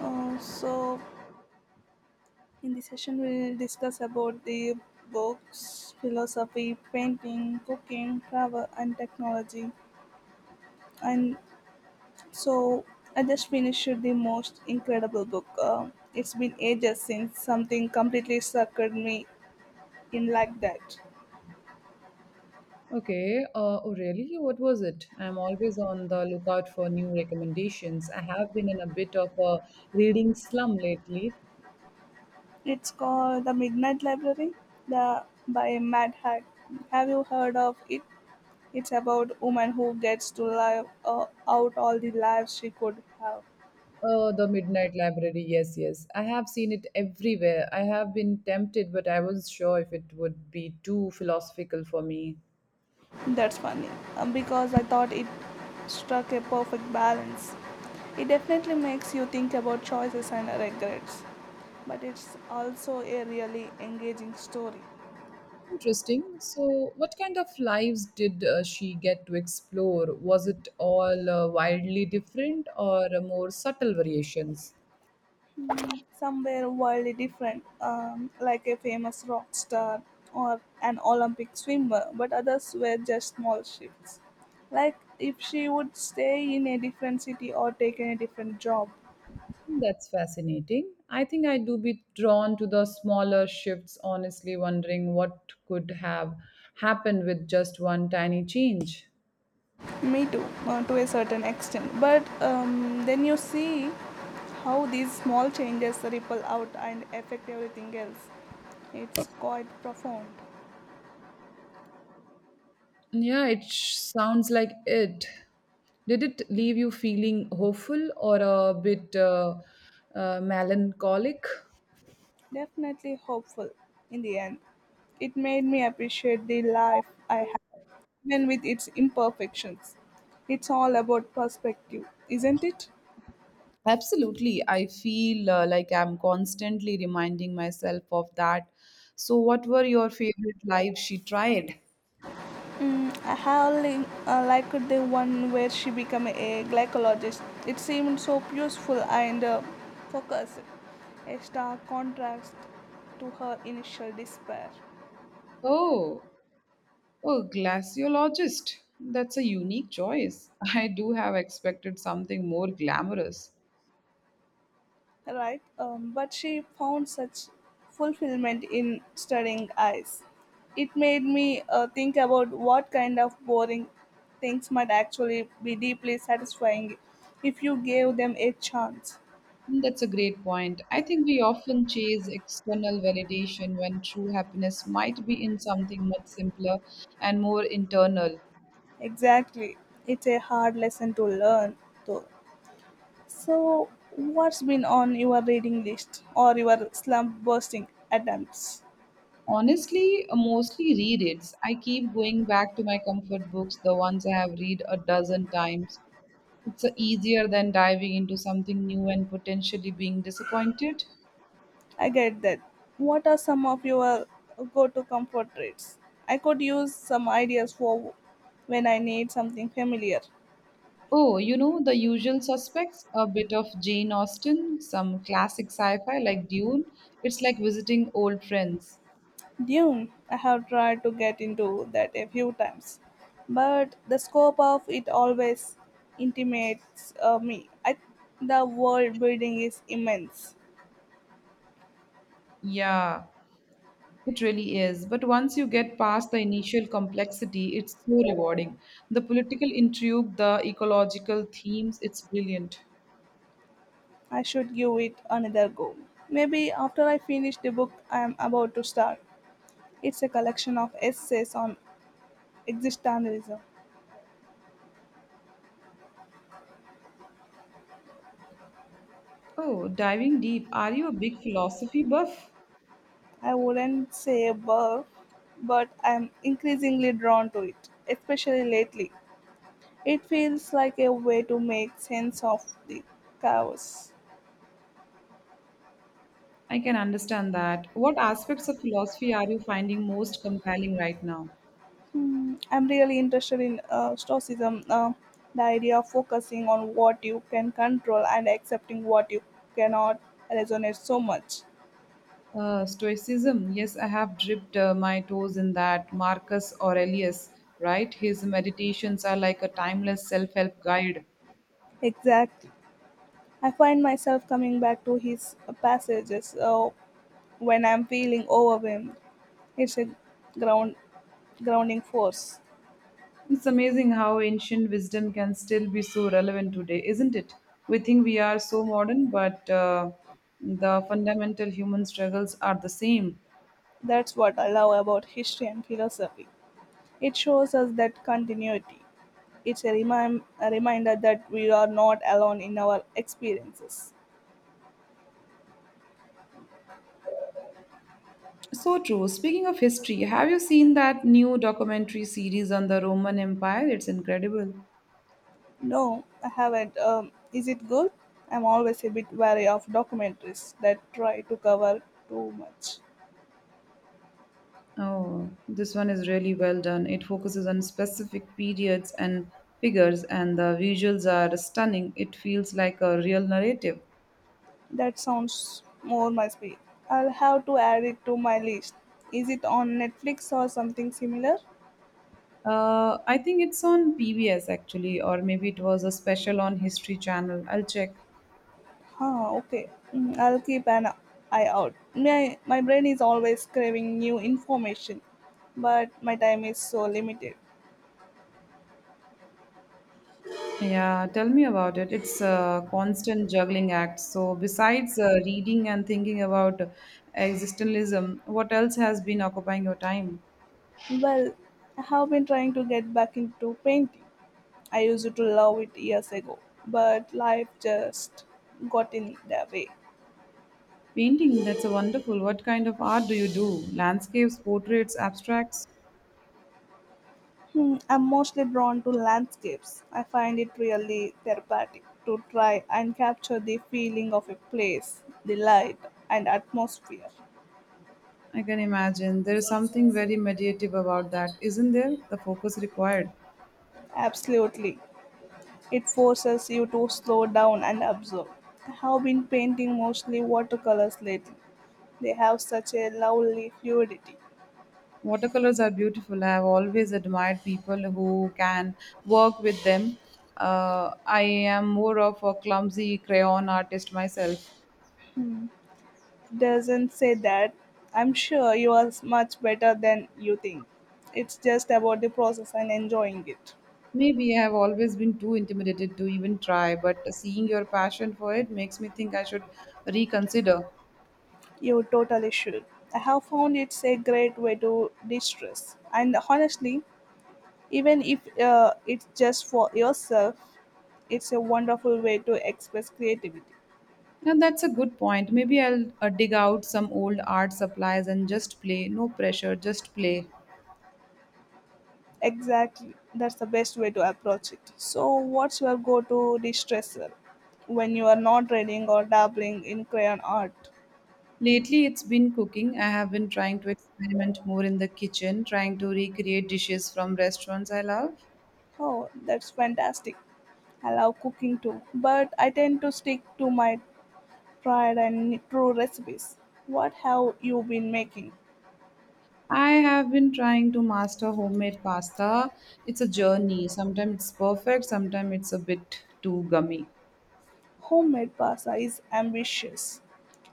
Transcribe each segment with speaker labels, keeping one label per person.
Speaker 1: So in this session we'll discuss about the books, philosophy, painting, cooking, travel, and technology. And so I just finished the most incredible book. It's been ages since something completely suckered me in like that.
Speaker 2: Okay. Oh, really? What was it? I'm always on the lookout for new recommendations. I have been in a bit of a reading slum lately.
Speaker 1: It's called The Midnight Library, the by Mad Hack. Have you heard of it? It's about woman who gets to live out all the lives she could have.
Speaker 2: The Midnight Library. Yes, yes. I have seen it everywhere. I have been tempted, but I wasn't sure if it would be too philosophical for me.
Speaker 1: That's funny, because I thought it struck a perfect balance. It definitely makes you think about choices and regrets, but it's also a really engaging story.
Speaker 2: Interesting. So, what kind of lives did she get to explore? Was it all wildly different or more subtle variations?
Speaker 1: Somewhere wildly different, like a famous rock star or an Olympic swimmer, but others were just small shifts. Like if she would stay in a different city or take a different job.
Speaker 2: That's fascinating. I think I do be drawn to the smaller shifts, honestly, wondering what could have happened with just one tiny change.
Speaker 1: Me too, to a certain extent. But then you see how these small changes ripple out and affect everything else. It's quite profound.
Speaker 2: Yeah, it sounds like it. Did it leave you feeling hopeful or a bit melancholic?
Speaker 1: Definitely hopeful in the end. It made me appreciate the life I have, even with its imperfections. It's all about perspective, isn't it?
Speaker 2: Absolutely. I feel like I'm constantly reminding myself of that. So, what were your favorite lives she tried?
Speaker 1: Mm, I liked the one where she became a glycologist. It seemed so peaceful and focused, a stark contrast to her initial despair.
Speaker 2: Oh, Oh, glaciologist. That's a unique choice. I do have expected something more glamorous.
Speaker 1: Right? But she found such fulfillment in studying eyes. It made me think about what kind of boring things might actually be deeply satisfying if you gave them a chance.
Speaker 2: That's a great point. I think we often chase external validation when true happiness might be in something much simpler and more internal.
Speaker 1: Exactly. It's a hard lesson to learn, though. So, what's been on your reading list or your slump bursting attempts?
Speaker 2: Honestly, mostly rereads. I keep going back to my comfort books, the ones I have read a dozen times. It's easier than diving into something new and potentially being disappointed.
Speaker 1: I get that. What are some of your go to comfort traits? I could use some ideas for when I need something familiar.
Speaker 2: Oh, you know, the usual suspects, a bit of Jane Austen, some classic sci fi like Dune. It's like visiting old friends.
Speaker 1: Dune, I have tried to get into that a few times, but the scope of it always intimates me. The world building is immense.
Speaker 2: Yeah, it really is. But once you get past the initial complexity, it's so rewarding. The political intrigue, the ecological themes, it's brilliant.
Speaker 1: I should give it another go. Maybe after I finish the book I am about to start. It's a collection of essays on existentialism.
Speaker 2: Oh, diving deep. Are you a big philosophy buff?
Speaker 1: I wouldn't say a above, but I'm increasingly drawn to it, especially lately. It feels like a way to make sense of the chaos.
Speaker 2: I can understand that. What aspects of philosophy are you finding most compelling right now?
Speaker 1: Hmm, I'm really interested in Stoicism, the idea of focusing on what you can control and accepting what you cannot resonates so much.
Speaker 2: Stoicism. Yes, I have dipped my toes in that. Marcus Aurelius, right? His meditations are like a timeless self help guide.
Speaker 1: Exactly. I find myself coming back to his passages when I'm feeling overwhelmed. It's a ground grounding force.
Speaker 2: It's amazing how ancient wisdom can still be so relevant today, isn't it? We think we are so modern, but the fundamental human struggles are the same.
Speaker 1: That's what I love about history and philosophy. It shows us that continuity. It's a reminder that we are not alone in our experiences.
Speaker 2: So true. Speaking of history, have you seen that new documentary series on the Roman Empire? It's incredible.
Speaker 1: No, I haven't. Is it good? I'm always a bit wary of documentaries that try to cover too much.
Speaker 2: Oh, this one is really well done. It focuses on specific periods and figures, and the visuals are stunning. It feels like a real narrative.
Speaker 1: That sounds more my speed. I'll have to add it to my list. Is it on Netflix or something similar?
Speaker 2: I think it's on PBS actually, or maybe it was a special on History Channel. I'll check.
Speaker 1: Ah, okay. Mm, I'll keep an eye out. My brain is always craving new information, but my time is so limited.
Speaker 2: Yeah, tell me about it. It's a constant juggling act. So, besides reading and thinking about existentialism, what else has been occupying your time?
Speaker 1: Well, I have been trying to get back into painting. I used to love it years ago, but life just got in the way.
Speaker 2: Painting, that's a wonderful. What kind of art do you do? Landscapes, portraits, abstracts?
Speaker 1: Hmm, I'm mostly drawn to landscapes. I find it really therapeutic to try and capture the feeling of a place, the light, and atmosphere.
Speaker 2: I can imagine. There is something very meditative about that, isn't there? The focus required.
Speaker 1: Absolutely. It forces you to slow down and observe. I have been painting mostly watercolors lately. They have such a lovely fluidity.
Speaker 2: Watercolors are beautiful. I have always admired people who can work with them. I am more of a clumsy crayon artist myself.
Speaker 1: Doesn't say that. I'm sure you are much better than you think. It's just about the process and enjoying it.
Speaker 2: Maybe I have always been too intimidated to even try, but seeing your passion for it makes me think I should reconsider.
Speaker 1: You totally should. I have found it's a great way to de-stress. And honestly, even if it's just for yourself, it's a wonderful way to express creativity.
Speaker 2: And that's a good point. Maybe I'll dig out some old art supplies and just play. No pressure, just play.
Speaker 1: Exactly. That's the best way to approach it. So, what's your go to distressor when you are not reading or dabbling in crayon art?
Speaker 2: Lately, it's been cooking. I have been trying to experiment more in the kitchen, trying to recreate dishes from restaurants I love.
Speaker 1: Oh, that's fantastic. I love cooking too, but I tend to stick to my tried and true recipes. What have you been making?
Speaker 2: I have been trying to master homemade pasta. It's a journey. Sometimes it's perfect, sometimes it's a bit too gummy.
Speaker 1: Homemade pasta is ambitious.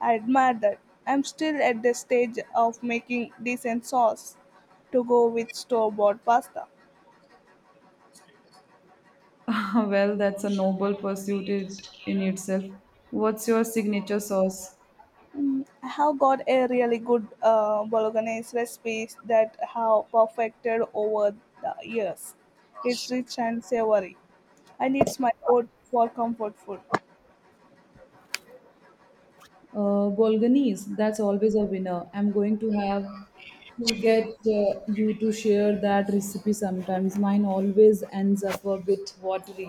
Speaker 1: I admire that. I'm still at the stage of making decent sauce to go with store bought pasta.
Speaker 2: Well, that's a noble pursuit in itself. What's your signature sauce?
Speaker 1: I have got a really good bolognese recipes that have perfected over the years. It's rich and savory, and it's my go for comfort food.
Speaker 2: Bolganese, that's always a winner. I'm going to have to get you to share that recipe sometimes. Mine always ends up a bit watery.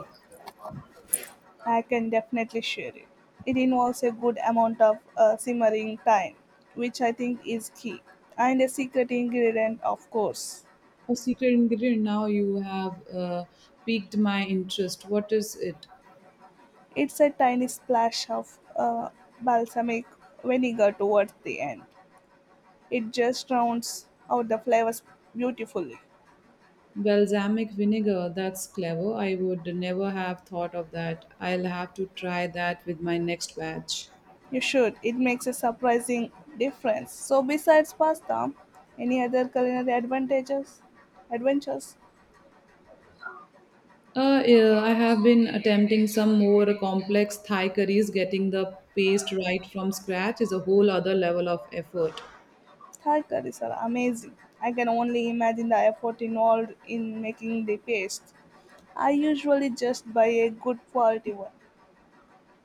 Speaker 1: I can definitely share it. It involves a good amount of simmering time, which I think is key, and a secret ingredient, of course.
Speaker 2: A secret ingredient now you have piqued my interest. What is it?
Speaker 1: It's a tiny splash of balsamic vinegar towards the end. It just rounds out the flavors beautifully.
Speaker 2: Balsamic vinegar, that's clever. I would never have thought of that. I'll have to try that with my next batch.
Speaker 1: You should. It makes a surprising difference. So besides pasta, any other culinary advantages? Adventures?
Speaker 2: Yeah, I have been attempting some more complex Thai curries. Getting the paste right from scratch is a whole other level of effort.
Speaker 1: Thai curries are amazing. I can only imagine the effort involved in making the paste. I usually just buy a good quality one.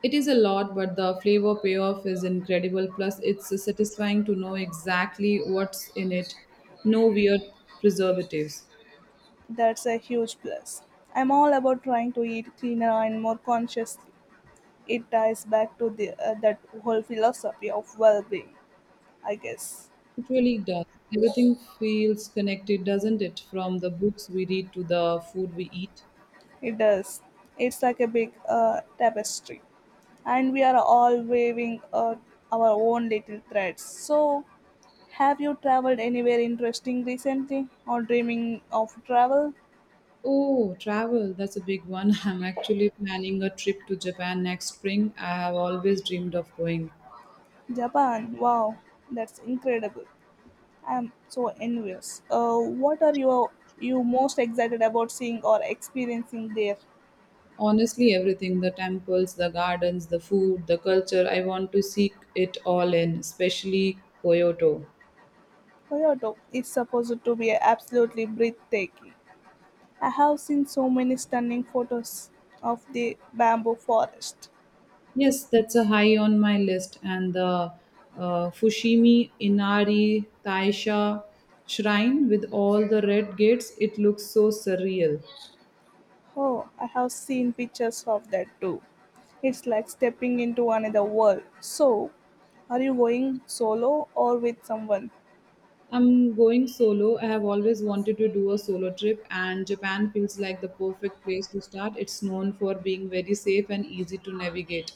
Speaker 2: It is a lot, but the flavor payoff is incredible. Plus, it's satisfying to know exactly what's in it. No weird preservatives.
Speaker 1: That's a huge plus. I'm all about trying to eat cleaner and more consciously. It ties back to the that whole philosophy of well-being, I guess.
Speaker 2: It really does. Everything feels connected, doesn't it? From the books we read to the food we eat.
Speaker 1: It does. It's like a big tapestry, and we are all waving our own little threads. So, have you traveled anywhere interesting recently or dreaming of travel?
Speaker 2: Oh, travel. That's a big one. I'm actually planning a trip to Japan next spring. I have always dreamed of going.
Speaker 1: Japan. Wow, that's incredible. I'm so envious. What are you most excited about seeing or experiencing there?
Speaker 2: Honestly, everything the temples, the gardens, the food, the culture I want to seek it all in, especially Kyoto.
Speaker 1: Kyoto is supposed to be absolutely breathtaking. I have seen so many stunning photos of the bamboo forest.
Speaker 2: Yes, that's a high on my list. And the Fushimi Inari Taisha shrine with all the red gates, it looks so surreal.
Speaker 1: Oh, I have seen pictures of that too. It's like stepping into another world. So, are you going solo or with someone?
Speaker 2: I'm going solo. I have always wanted to do a solo trip, and Japan feels like the perfect place to start. It's known for being very safe and easy to navigate.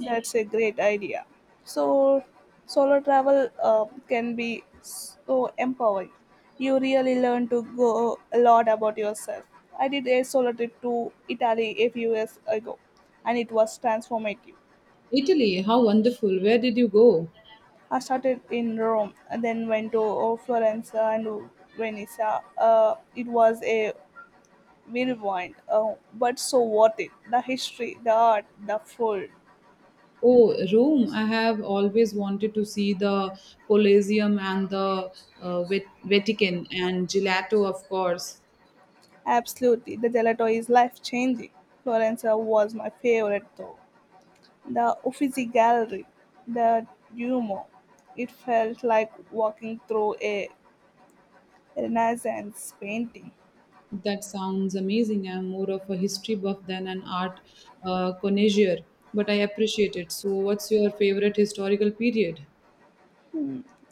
Speaker 1: That's a great idea. So, solo travel can be so empowering. You really learn to go a lot about yourself. I did a solo trip to Italy a few years ago, and it was transformative.
Speaker 2: Italy, how wonderful! Where did you go?
Speaker 1: I started in Rome, and then went to Florence and Venice. It was a whirlwind, but so worth it. The history, the art, the food.
Speaker 2: Oh, Rome. I have always wanted to see the Colosseum and the Vatican and gelato, of course.
Speaker 1: Absolutely, the gelato is life changing. Florence was my favorite though. The Uffizi Gallery, the Duomo. It felt like walking through a Renaissance painting.
Speaker 2: That sounds amazing. I'm more of a history buff than an art connoisseur, but I appreciate it. So, what's your favorite historical period?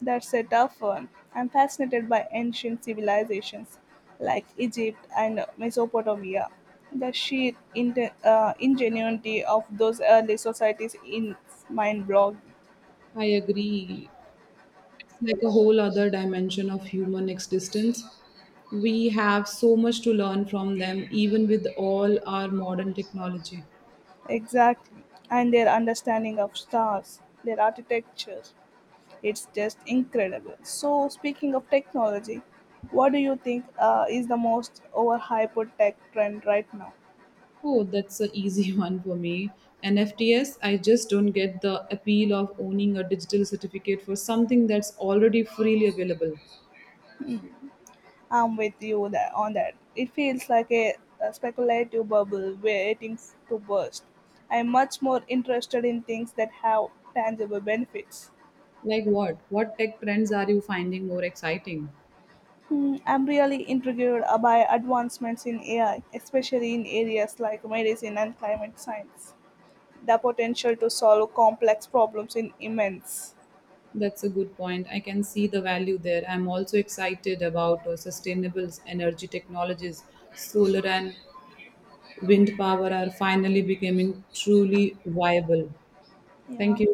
Speaker 1: That's a tough one. I'm fascinated by ancient civilizations like Egypt and Mesopotamia. The sheer ingenuity of those early societies is mind blowing.
Speaker 2: I agree. It's like a whole other dimension of human existence. We have so much to learn from them, even with all our modern technology.
Speaker 1: Exactly. And their understanding of stars, their architecture, it's just incredible. So, speaking of technology, what do you think is the most overhyped tech trend right now?
Speaker 2: Oh, that's an easy one for me. NFTs, I just don't get the appeal of owning a digital certificate for something that's already freely available.
Speaker 1: I'm with you on that. It feels like a speculative bubble waiting to burst. I'm much more interested in things that have tangible benefits.
Speaker 2: Like what? What tech trends are you finding more exciting?
Speaker 1: Hmm, I'm really intrigued by advancements in AI, especially in areas like medicine and climate science. The potential to solve complex problems in immense.
Speaker 2: That's a good point. I can see the value there. I'm also excited about sustainable energy technologies. Solar and wind power are finally becoming truly viable.
Speaker 1: Yeah.
Speaker 2: Thank you.